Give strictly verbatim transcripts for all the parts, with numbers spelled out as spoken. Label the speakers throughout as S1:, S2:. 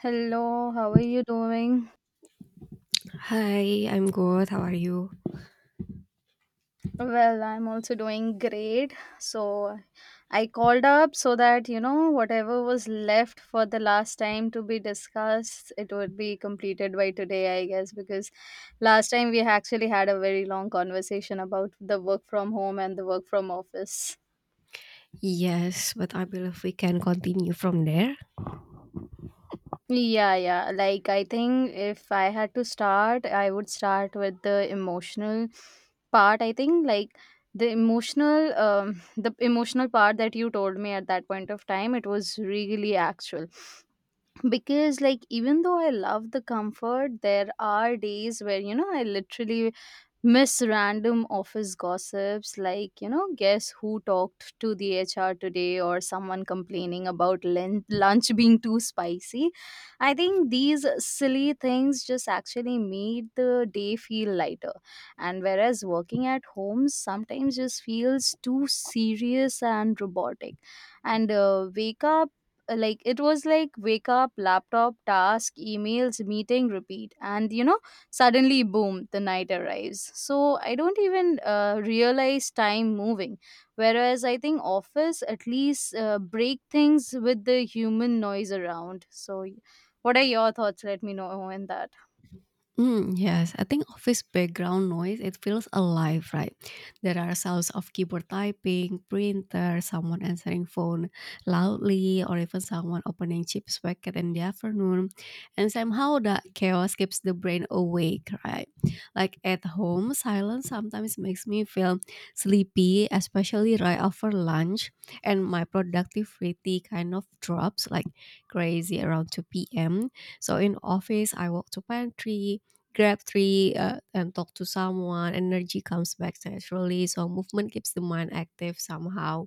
S1: Hello, how are you doing?
S2: Hi, I'm good. How are you?
S1: Well, I'm also doing great. So, I called up so that, you know, whatever was left for the last time to be discussed, it would be completed by today, I guess, because last time we actually had a very long conversation about the work from home and the work from office.
S2: Yes, but I believe we can continue from there.
S1: Yeah, yeah. Like, I think if I had to start, I would start with the emotional part. I think, like, the emotional, um, the emotional part that you told me at that point of time, it was really actual. Because, like, even though I love the comfort, there are days where, you know, I literally miss random office gossips, like, you know, guess who talked to the HR today, or someone complaining about lun- lunch being too spicy. I think these silly things just actually made the day feel lighter. And whereas working at home sometimes just feels too serious and robotic. And uh, wake up uh, Like, it was like wake up, laptop, task, emails, meeting, repeat, and you know, suddenly, boom, the night arrives. So I don't even uh, realize time moving. Whereas I think office at least uh, break things with the human noise around. So, what are your thoughts? Let me know on that.
S2: Mm, yes, I think office background noise, it feels alive, right? There are sounds of keyboard typing, printer, someone answering phone loudly, or even someone opening chips packet in the afternoon. And somehow that chaos keeps the brain awake, right? Like at home, silence sometimes makes me feel sleepy, especially right after lunch. And my productivity kind of drops like crazy around two p m. So in office, I walk to pantry, grab three uh, and talk to someone, energy comes back naturally, so movement keeps the mind active somehow.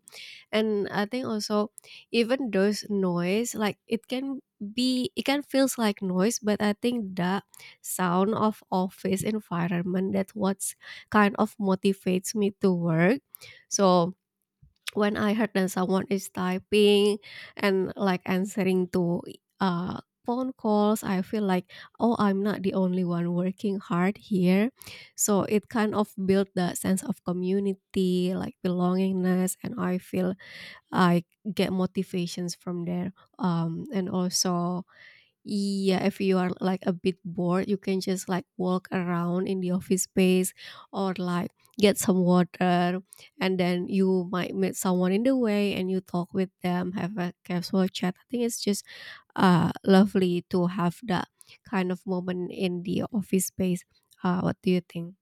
S2: And I think also, even those noise, like, it can be it can feels like noise. But I think the sound of office environment, that's what's kind of motivates me to work. So when I heard that someone is typing and like answering to uh, phone calls, I feel like, oh, I'm not the only one working hard here. So it kind of built the sense of community, like belongingness, and I feel I get motivations from there. Um, and also, yeah, if you are like a bit bored, you can just like walk around in the office space or like get some water, and then you might meet someone in the way and you talk with them, have a casual chat. I think it's just uh lovely to have that kind of moment in the office space. Uh, what do you think?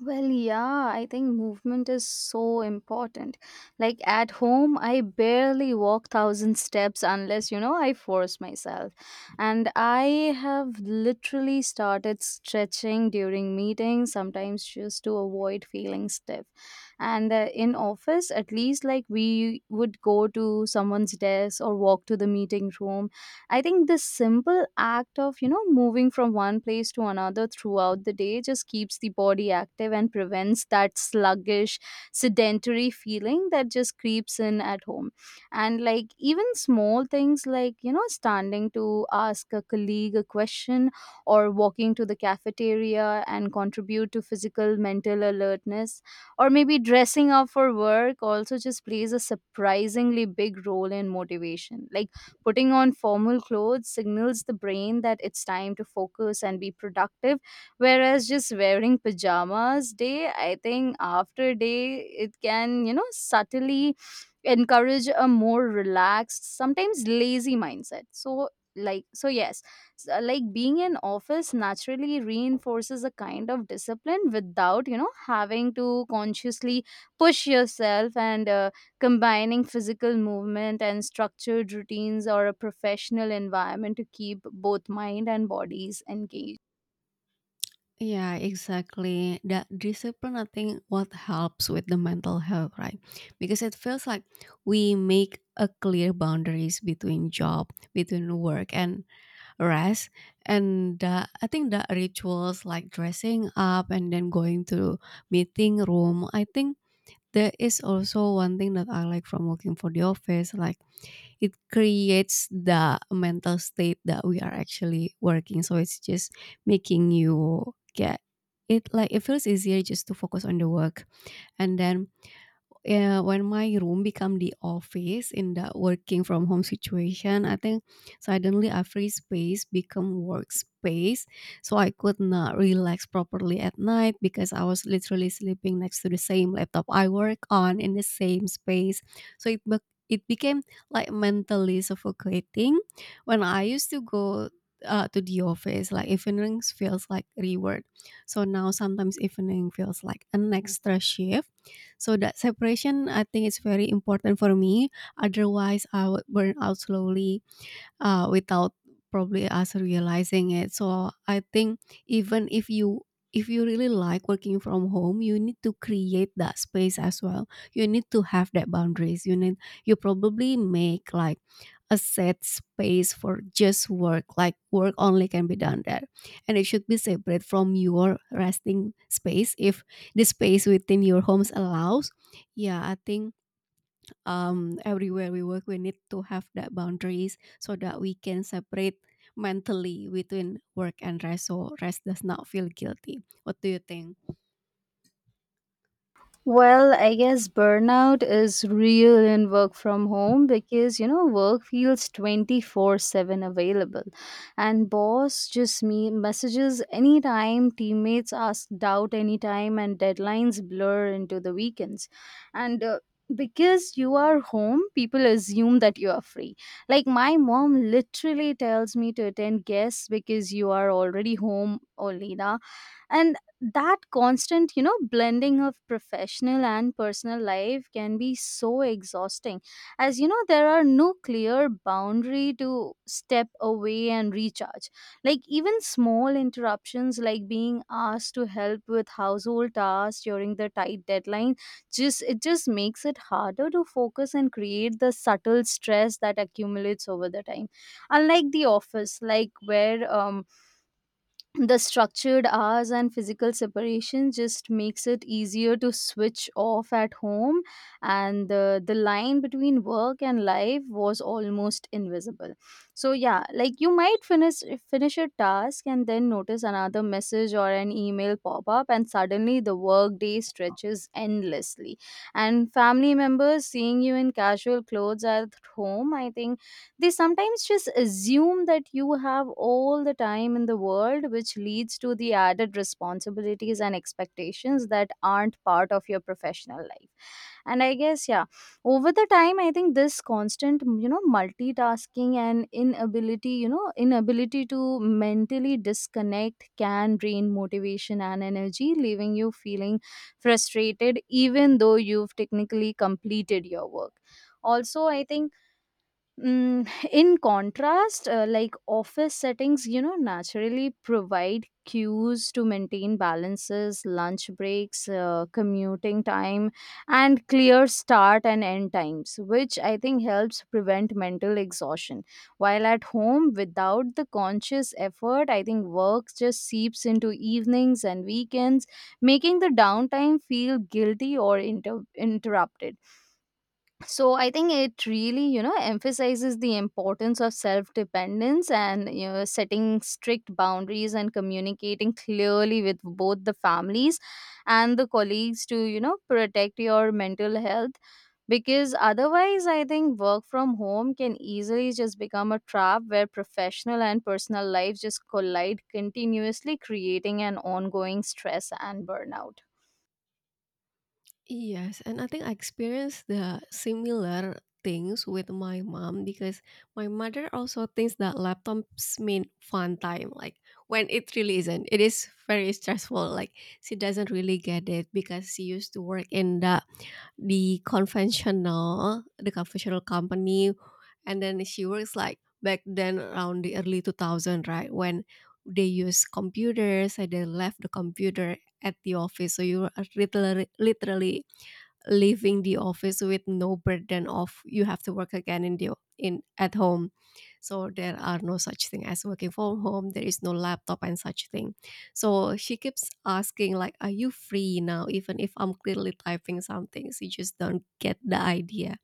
S1: Well, yeah, I think movement is so important. Like at home, I barely walk thousand steps unless, you know, I force myself. And I have literally started stretching during meetings, sometimes just to avoid feeling stiff. And uh, In office, at least, like, we would go to someone's desk or walk to the meeting room. I think this simple act of, you know, moving from one place to another throughout the day just keeps the body active and prevents that sluggish, sedentary feeling that just creeps in at home. And like even small things like, you know, standing to ask a colleague a question or walking to the cafeteria and contribute to physical, mental alertness, or maybe dressing up for work also just plays a surprisingly big role in motivation. Like, putting on formal clothes signals the brain that it's time to focus and be productive, whereas just wearing pajamas day, I think, after day, it can, you know, subtly encourage a more relaxed, sometimes lazy mindset. So, like, so yes, s- uh, like being in office naturally reinforces a kind of discipline without, you know, having to consciously push yourself. And uh, Combining physical movement and structured routines or a professional environment to keep both mind and bodies engaged.
S2: Yeah, exactly. That discipline, I think, what helps with the mental health, right? Because it feels like we make a clear boundaries between job, between work, and rest. And the, I think the rituals like dressing up and then going to meeting room, I think there is also one thing that I like from working for the office, like it creates the mental state that we are actually working, so it's just making you get it, like it feels easier just to focus on the work. And then, yeah, when my room become the office in the working from home situation, I think suddenly a free space become workspace. So I could not relax properly at night because I was literally sleeping next to the same laptop I work on in the same space. So it bec it became like mentally suffocating. When I used to go uh, to the office, like evenings feels like reward. So now sometimes evening feels like an extra shift, so that separation, I think is very important for me. Otherwise, I would burn out slowly uh, without probably us realizing it. So I think even if you if you really like working from home, you need to create that space as well. You need to have that boundaries. You need, you probably make like a set space for just work. Like work only can be done there. And it should be separate from your resting space if the space within your homes allows. Yeah, I think um, everywhere we work, we need to have that boundaries so that we can separate mentally between work and rest, so rest does not feel guilty. What do you think?
S1: Well, I guess burnout is real in work from home because, you know, work feels twenty-four seven available, and boss just me messages anytime, teammates ask doubt anytime, and deadlines blur into the weekends. And uh, Because you are home, people assume that you are free. Like, my mom literally tells me to attend guests because you are already home, Olina. And that constant, you know, blending of professional and personal life can be so exhausting, as you know, there are no clear boundary to step away and recharge. Like even small interruptions like being asked to help with household tasks during the tight deadline, just, it just makes it harder to focus and create the subtle stress that accumulates over the time, unlike the office, like where um the structured hours and physical separation just makes it easier to switch off at home. And the, the line between work and life was almost invisible. So yeah, like you might finish finish a task and then notice another message or an email pop up, and suddenly the work day stretches endlessly. And family members seeing you in casual clothes at home, I think, they sometimes just assume that you have all the time in the world, which leads to the added responsibilities and expectations that aren't part of your professional life. And I guess, yeah, over the time, I think this constant, you know, multitasking and inability, you know, inability to mentally disconnect can drain motivation and energy, leaving you feeling frustrated, even though you've technically completed your work. Also, I think, Mm, in contrast, uh, like office settings, you know, naturally provide cues to maintain balances, lunch breaks, uh, commuting time, and clear start and end times, which I think helps prevent mental exhaustion. While at home, without the conscious effort, I think work just seeps into evenings and weekends, making the downtime feel guilty or inter- interrupted. So I think it really, you know, emphasizes the importance of self dependence and, you know, setting strict boundaries and communicating clearly with both the families and the colleagues to, you know, protect your mental health, because otherwise I think work from home can easily just become a trap where professional and personal life just collide continuously, creating an ongoing stress and burnout.
S2: Yes, and I think I experienced the similar things with my mom because my mother also thinks that laptops mean fun time, like when it really isn't. It is very stressful. Like, she doesn't really get it because she used to work in the the conventional the conventional company. And then she works like back then around the early two thousand, right, when they use computers and they left the computer at the office, so you are literally literally leaving the office with no burden of you have to work again in the in at home. So there are no such thing as working from home, there is no laptop and such thing. So she keeps asking like, are you free now, even if I'm clearly typing something. She just don't get the idea.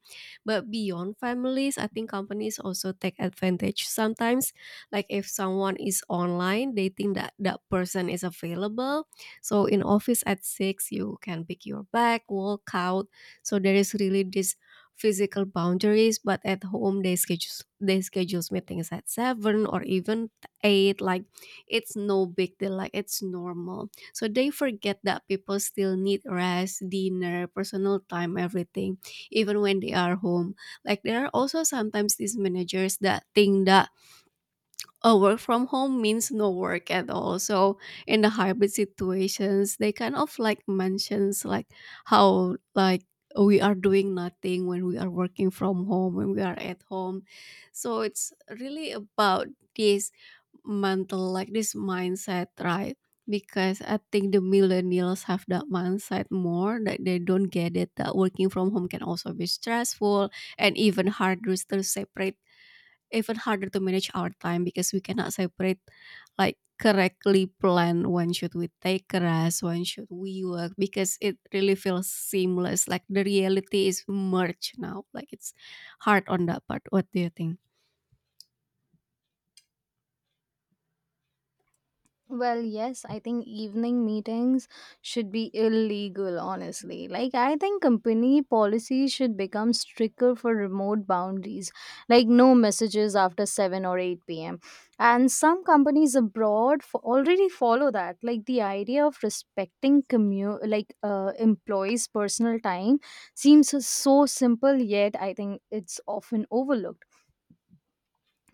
S2: But beyond families, I think companies also take advantage sometimes, like if someone is online, they think that that person is available. So in office at six, you can pick your bag, walk out. So there is really this physical boundaries, but at home, they schedules they schedules meetings at seven or even eight, like it's no big deal, like it's normal. So they forget that people still need rest, dinner, personal time, everything, even when they are home. Like, there are also sometimes these managers that think that a work from home means no work at all. So in the hybrid situations, they kind of like mentions like how, like, we are doing nothing when we are working from home, when we are at home. So it's really about this mental, like this mindset, right? Because I think the millennials have that mindset more, that they don't get it that working from home can also be stressful and even harder to separate, even harder to manage our time because we cannot separate, like correctly plan when should we take rest, when should we work, because it really feels seamless, like the reality is merged now, like it's hard on that part. What do you think?
S1: Well, yes, I think evening meetings should be illegal, honestly. Like, I think company policy should become stricter for remote boundaries, like, no messages after seven or eight p m. And some companies abroad f- already follow that. Like, the idea of respecting commu- like uh, employees' personal time seems so simple, yet I think it's often overlooked,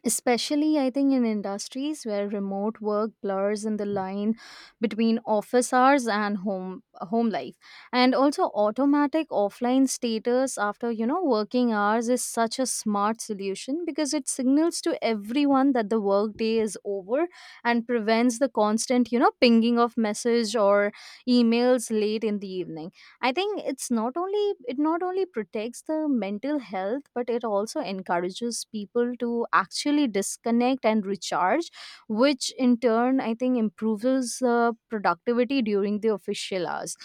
S1: especially, I think, in industries where remote work blurs in the line between office hours and home home life. And also, automatic offline status after, you know, working hours is such a smart solution because it signals to everyone that the workday is over and prevents the constant, you know, pinging of message or emails late in the evening. I think it's not only, it not only protects the mental health, but it also encourages people to actually disconnect and recharge, which in turn I think improves uh, productivity during the official hours.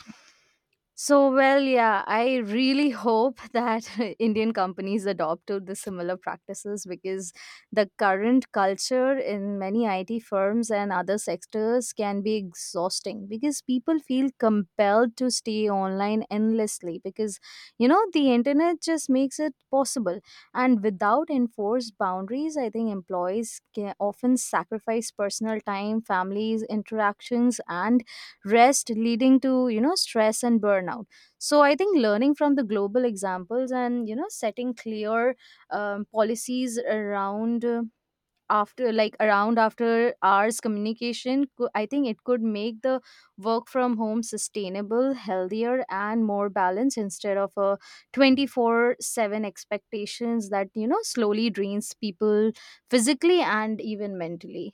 S1: So, well, yeah, I really hope that Indian companies adopt to the similar practices, because the current culture in many I T firms and other sectors can be exhausting because people feel compelled to stay online endlessly because, you know, the internet just makes it possible. And without enforced boundaries, I think employees can often sacrifice personal time, families, interactions, and rest, leading to, you know, stress and burnout. So I think learning from the global examples and, you know, setting clear um, policies around uh, after like around after hours communication, co- I think it could make the work from home sustainable, healthier, and more balanced, instead of a twenty-four seven expectations that, you know, slowly drains people physically and even mentally.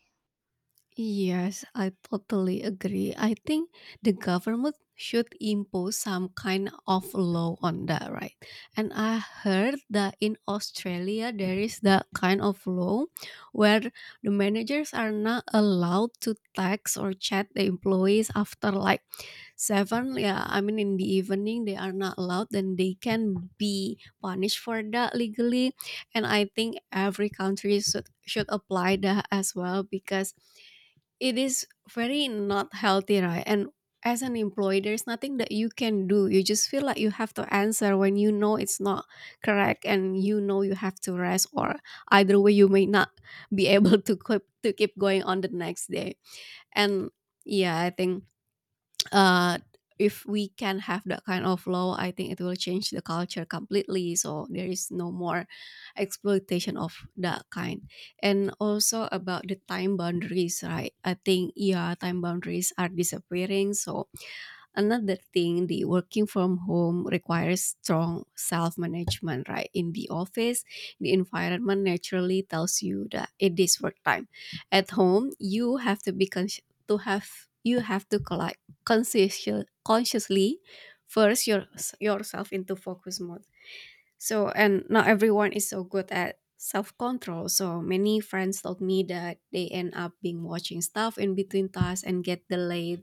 S2: Yes, I totally agree. I think the government should impose some kind of law on that, right? And I heard that in Australia there is that kind of law where the managers are not allowed to text or chat the employees after like seven. Yeah, I mean in the evening they are not allowed, then they can be punished for that legally. And I think every country should should apply that as well, because it is very not healthy, right? And as an employee, there's nothing that you can do, you just feel like you have to answer when you know it's not correct. And you know you have to rest, or either way you may not be able to keep to keep going on the next day. And yeah, I think uh, if we can have that kind of law, I think it will change the culture completely. So there is no more exploitation of that kind. And also about the time boundaries, right? I think, yeah, time boundaries are disappearing. So another thing, the working from home requires strong self management, right? In the office, the environment naturally tells you that it is work time. At home, you have to be consci to have you have to collect conscious- consciously first your, yourself into focus mode. So, and not everyone is so good at self control. So, many friends told me that they end up being watching stuff in between tasks and get delayed.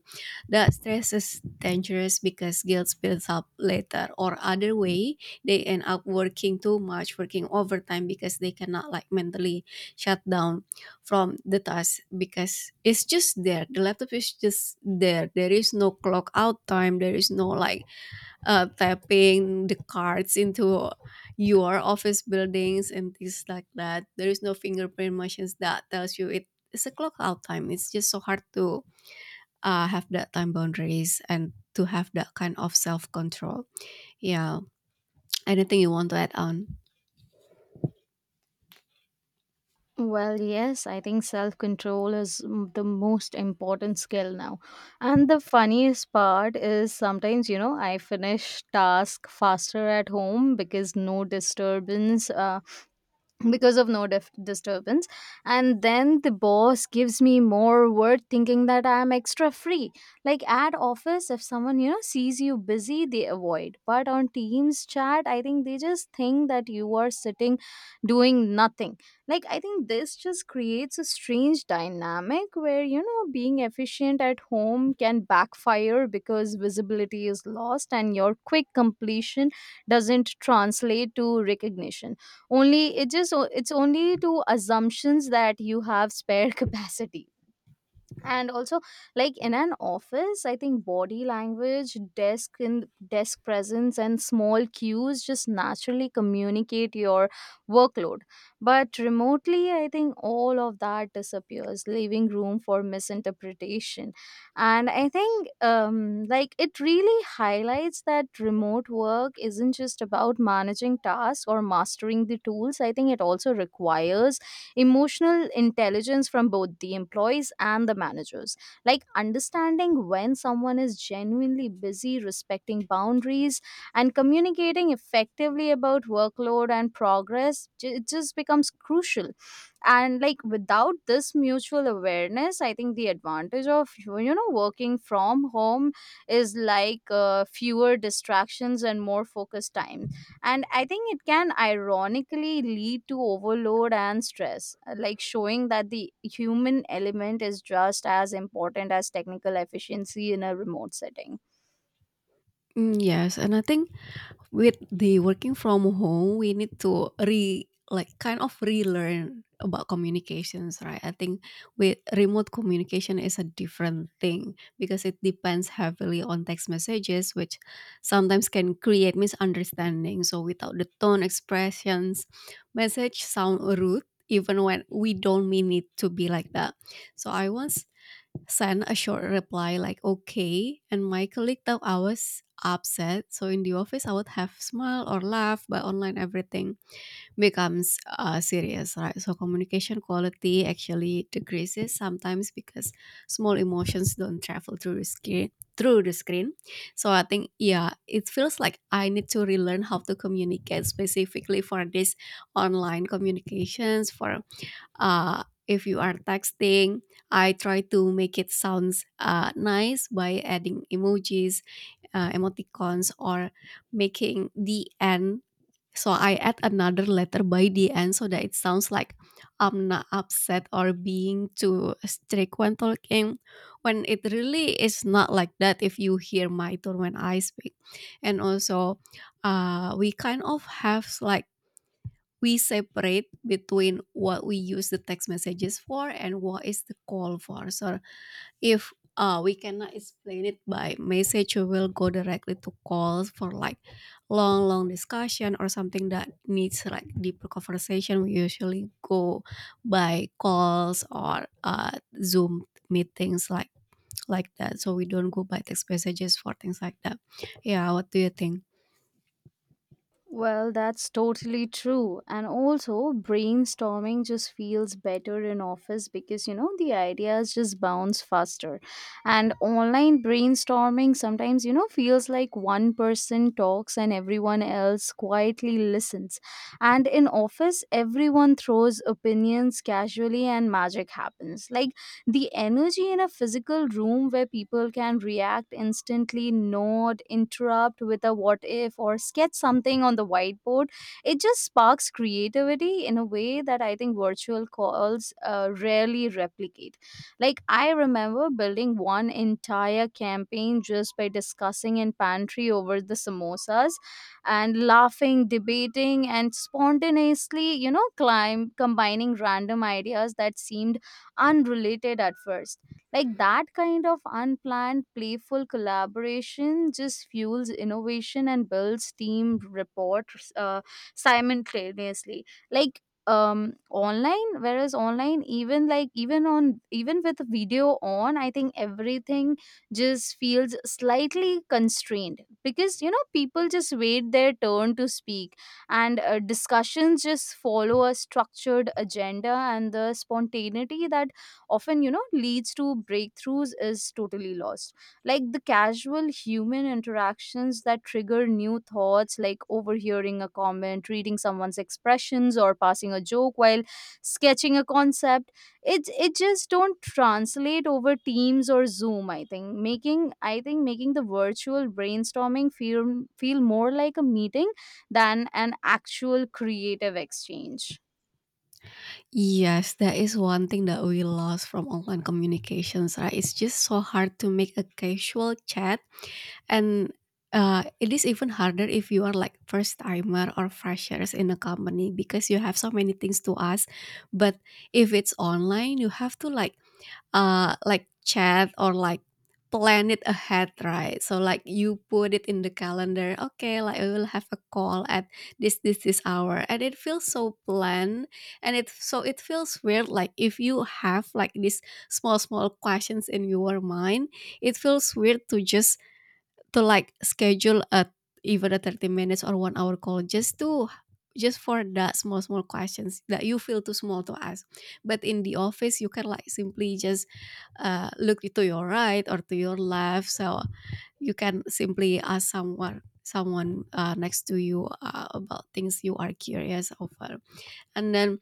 S2: That stress is dangerous because guilt builds up later. Or, other way, they end up working too much, working overtime because they cannot like mentally shut down from the task, because it's just there. The laptop is just there. There is no clock out time, there is no like uh, tapping the cards into your office buildings and things like that. There is no fingerprint machines that tells you it is a clock out time. It's just so hard to uh, have that time boundaries and to have that kind of self control. Yeah. Anything you want to add on?
S1: Well, yes, I think self control is m- the most important skill now. And the funniest part is sometimes, you know, I finish task faster at home because no disturbance. Uh, because of no def- disturbance. And then the boss gives me more work thinking that I am extra free. Like at office, if someone, you know, sees you busy, they avoid, but on teams chat I think they just think that you are sitting doing nothing. Like, I think this just creates a strange dynamic where, you know, being efficient at home can backfire because visibility is lost and your quick completion doesn't translate to recognition. Only, it just, it's only to assumptions that you have spare capacity. And also, like in an office, I think body language, desk and desk presence, and small cues just naturally communicate your workload, but remotely, I think, all of that disappears, leaving room for misinterpretation. And I think, um like, it really highlights that remote work isn't just about managing tasks or mastering the tools. I think it also requires emotional intelligence from both the employees and the managers, like understanding when someone is genuinely busy, respecting boundaries, and communicating effectively about workload and progress. Ju- it just becomes crucial. And like, without this mutual awareness, I think, the advantage of, you know, working from home is like, uh, fewer distractions and more focused time, and I think it can ironically lead to overload and stress. Uh, like, showing that the human element is just as important as technical efficiency in a remote setting.
S2: Mm, yes, and I think with the working from home we need to re like kind of relearn about communications, right? I think with remote communication is a different thing because it depends heavily on text messages, which sometimes can create misunderstanding. So without the tone expressions, message sound rude, even when we don't mean it to be like that. So I once sent a short reply like okay, and my colleague thought I was upset. So in the office I would have smile or laugh, but online everything becomes uh, serious, right? So communication quality actually decreases sometimes because small emotions don't travel through the screen through the screen So I think, yeah, it feels like I need to relearn how to communicate specifically for this online communications. For, uh, if you are texting, I try to make it sounds uh, nice by adding emojis, uh, emoticons, or making the end, so I add another letter by the end so that it sounds like I'm not upset or being too strict when talking, when it really is not like that, if you hear my tone when I speak. And also, uh, we kind of have like we separate between what we use the text messages for and what is the call for. So if uh, we cannot explain it by message, we will go directly to calls for like long, long discussion or something that needs like deeper conversation. We usually go by calls or uh, Zoom meetings, like like that. So we don't go by text messages for things like that. Yeah, what do you think?
S1: Well, that's totally true. And also, brainstorming just feels better in office because, you know, the ideas just bounce faster. And online brainstorming sometimes, you know, feels like one person talks and everyone else quietly listens. And in office, everyone throws opinions casually and magic happens. Like the energy in a physical room where people can react instantly, nod, interrupt with a what if, or sketch something on the whiteboard, it just sparks creativity in a way that I think virtual calls uh, rarely replicate. Like, I remember building one entire campaign just by discussing in pantry over the samosas, and laughing, debating, and spontaneously, you know, climb combining random ideas that seemed unrelated at first. Like that kind of unplanned, playful collaboration just fuels innovation and builds team rapport, uh, simultaneously. Like um online, whereas online, even like even on even with video on, I think everything just feels slightly constrained because, you know, people just wait their turn to speak, and uh, discussions just follow a structured agenda, and the spontaneity that often, you know, leads to breakthroughs is totally lost. Like the casual human interactions that trigger new thoughts, like overhearing a comment, reading someone's expressions, or passing a joke while sketching a concept, it it just don't translate over Teams or Zoom. I think making i think making the virtual brainstorming feel feel more like a meeting than an actual creative exchange.
S2: Yes, that is one thing that we lost from online communications, right? It's just so hard to make a casual chat and uh, it is even harder if you are like first timer or freshers in a company because you have so many things to ask. But if it's online, you have to like uh, like chat or like plan it ahead, right? So like you put it in the calendar. Okay, like we will have a call at this this this hour, and it feels so planned, and it so it feels weird. Like if you have like these small small questions in your mind, it feels weird to just to like schedule a even a thirty minutes or one hour call just to just for the small small questions that you feel too small to ask, but in the office you can like simply just uh, look to your right or to your left, so you can simply ask someone someone uh, next to you uh, about things you are curious over. And then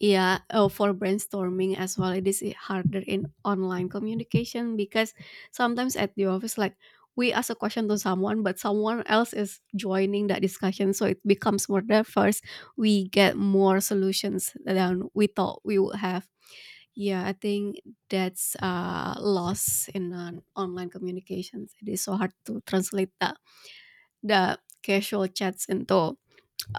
S2: yeah, oh, for brainstorming as well, it is harder in online communication because sometimes at the office, like we ask a question to someone, but someone else is joining that discussion, so it becomes more diverse. We get more solutions than we thought we would have. Yeah, I think that's a loss in an online communications. It is so hard to translate that the casual chats into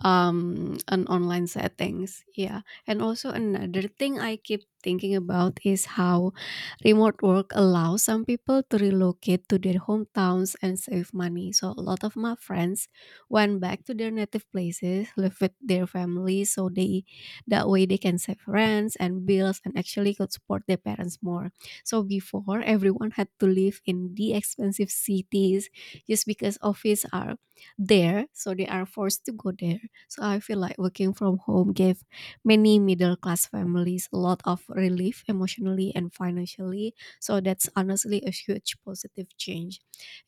S2: um on online settings. Yeah, and also another thing I keep thinking about is how remote work allows some people to relocate to their hometowns and save money. So a lot of my friends went back to their native places, live with their families, so they that way they can save rents and bills and actually could support their parents more. So before everyone had to live in the expensive cities just because office are there, so they are forced to go there. So I feel like working from home gave many middle class families a lot of relief emotionally and financially. So that's honestly a huge positive change.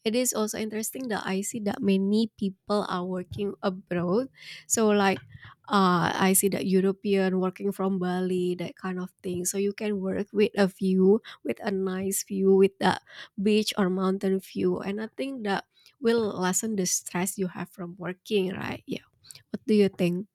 S2: It is also interesting that I see that many people are working abroad. So like uh, I see that European working from Bali, that kind of thing. So you can work with a view, with a nice view, with the beach or mountain view. And I think that will lessen the stress you have from working, right? Yeah. What do you think?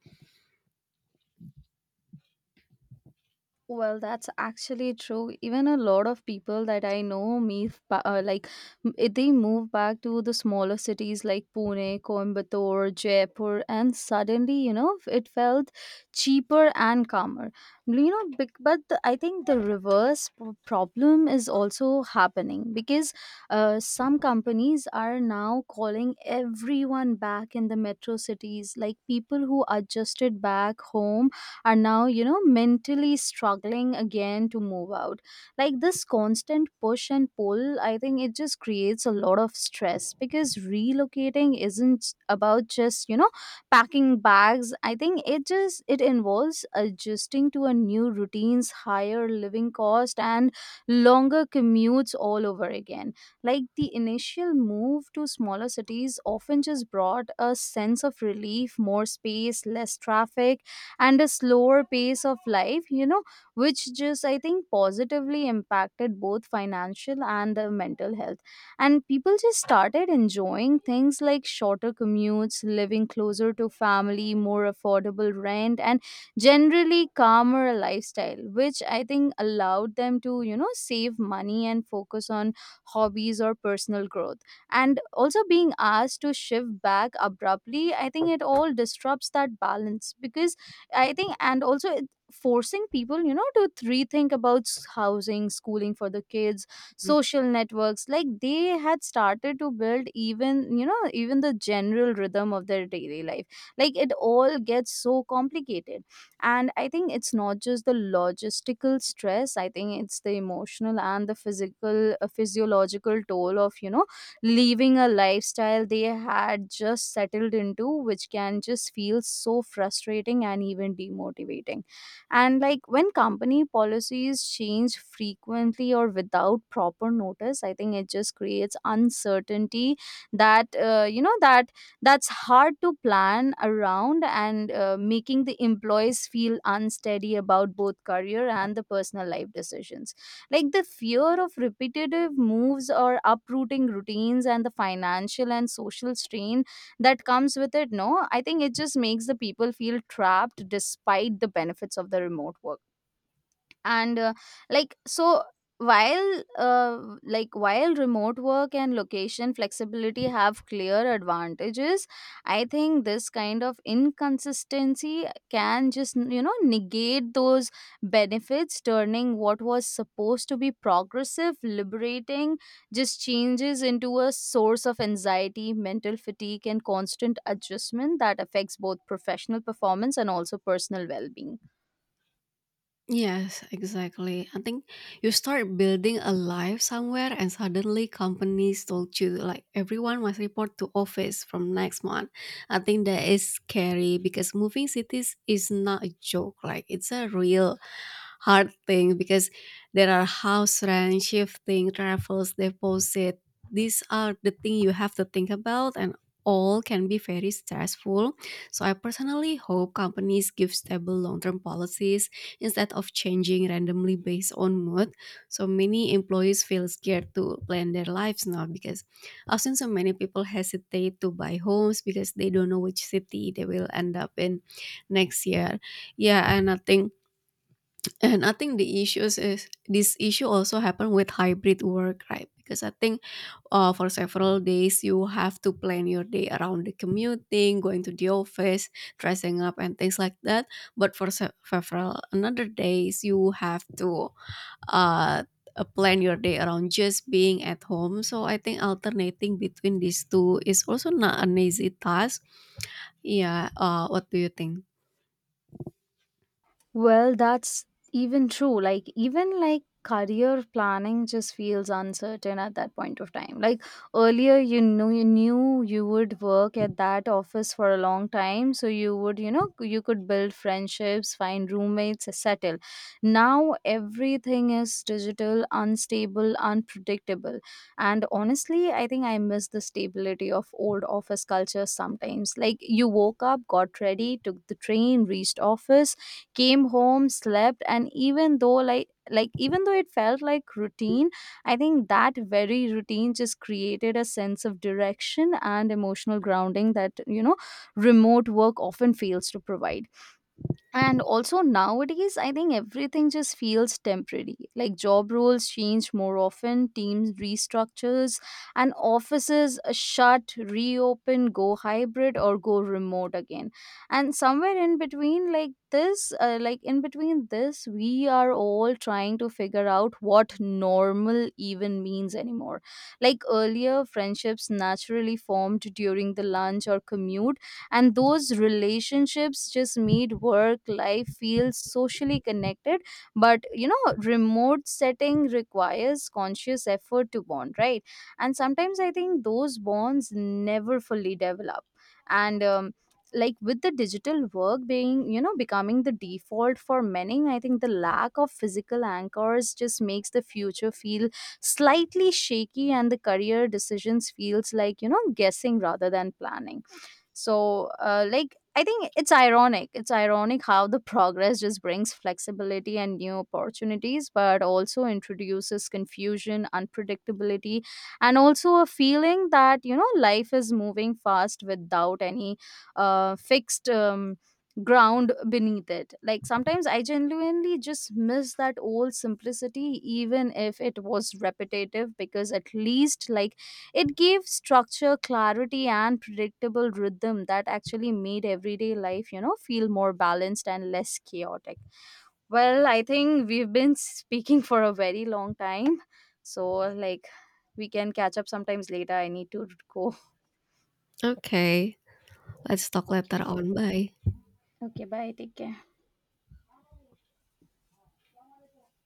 S1: Well, that's actually true. Even a lot of people that I know move, ba- uh, like m- eh, they move back to the smaller cities like Pune, Coimbatore, Jaipur, and suddenly, you know, it felt cheaper and calmer. You know, bec- but the, I think the reverse p- problem is also happening because uh, some companies are now calling everyone back in the metro cities. Like people who adjusted back home are now, you know, mentally struggling again to move out. Like this constant push and pull, I think it just creates a lot of stress because relocating isn't about just, you know, packing bags. I think it just it involves adjusting to a new routines, higher living cost and longer commutes all over again. Like the initial move to smaller cities often just brought a sense of relief, more space, less traffic and a slower pace of life, you know, which just, I think, positively impacted both financial and the mental health. And people just started enjoying things like shorter commutes, living closer to family, more affordable rent and generally calmer lifestyle, which I think allowed them to, you know, save money and focus on hobbies or personal growth. And also being asked to shift back abruptly, I think it all disrupts that balance because I think, and also it- forcing people, you know, to rethink about s- housing, schooling for the kids, social networks, like they had started to build, even, you know, even the general rhythm of their daily life. Like it all gets so complicated. And I think it's not just the logistical stress, I think it's the emotional and the physical, uh, physiological toll of, you know, leaving a lifestyle they had just settled into, which can just feel so frustrating and even demotivating. And like when company policies change frequently or without proper notice, I think it just creates uncertainty that, uh, you know, that that's hard to plan around, and uh, making the employees feel unsteady about both career and the personal life decisions. Like the fear of repetitive moves or uprooting routines and the financial and social strain that comes with it, no, I think it just makes the people feel trapped despite the benefits of the remote work. And uh, like so while uh, like while remote work and location flexibility have clear advantages, I think this kind of inconsistency can just, you know, negate those benefits, turning what was supposed to be progressive, liberating, just changes into a source of anxiety, mental fatigue and constant adjustment that affects both professional performance and also personal well-being.
S2: Yes, exactly. I think you start building a life somewhere and suddenly companies told you like everyone must report to office from next month. I think that is scary because moving cities is not a joke. Like it's a real hard thing because there are house rent, shifting, travels, deposit. These are the thing you have to think about, and all can be very stressful. So I personally hope companies give stable long-term policies instead of changing randomly based on mood. So many employees feel scared to plan their lives now because often so many people hesitate to buy homes because they don't know which city they will end up in next year. Yeah, and I think and I think the issues is this issue also happen with hybrid work, right? Because I think uh, for several days you have to plan your day around the commuting, going to the office, dressing up and things like that, but for se- several another days you have to uh, uh, plan your day around just being at home. So I think alternating between these two is also not an easy task. Yeah, uh, what do you think?
S1: Well, that's even true. Like, even like career planning just feels uncertain at that point of time. Like earlier, you know, you knew you would work at that office for a long time, so you would, you know, you could build friendships, find roommates, settle. Now everything is digital, unstable, unpredictable, and honestly, I think I miss the stability of old office culture sometimes. Like, you woke up, got ready, took the train, reached office, came home, slept, and even though like like even though it felt like routine, I think that very routine just created a sense of direction and emotional grounding that, you know, remote work often fails to provide. And also nowadays I think everything just feels temporary, like job roles change more often, teams restructures, and offices shut, reopen, go hybrid or go remote again. And somewhere in between, like this uh, like in between this, we are all trying to figure out what normal even means anymore. Like earlier friendships naturally formed during the lunch or commute, and those relationships just made work life feel socially connected. But, you know, remote setting requires conscious effort to bond, right? And sometimes I think those bonds never fully develop. And um, like with the digital work being, you know, becoming the default for many, I think the lack of physical anchors just makes the future feel slightly shaky and the career decisions feels like, you know, guessing rather than planning. So, uh, like I think it's ironic it's ironic how the progress just brings flexibility and new opportunities but also introduces confusion, unpredictability, and also a feeling that, you know, life is moving fast without any uh, fixed um, ground beneath it. Like sometimes I genuinely just miss that old simplicity, even if it was repetitive, because at least like it gave structure, clarity, and predictable rhythm that actually made everyday life, you know, feel more balanced and less chaotic. Well, I think we've been speaking for a very long time. So, like, we can catch up sometimes later. I need to go.
S2: Okay, let's talk later
S1: Okay.
S2: on. Bye.
S1: Okay. Bye. Take care.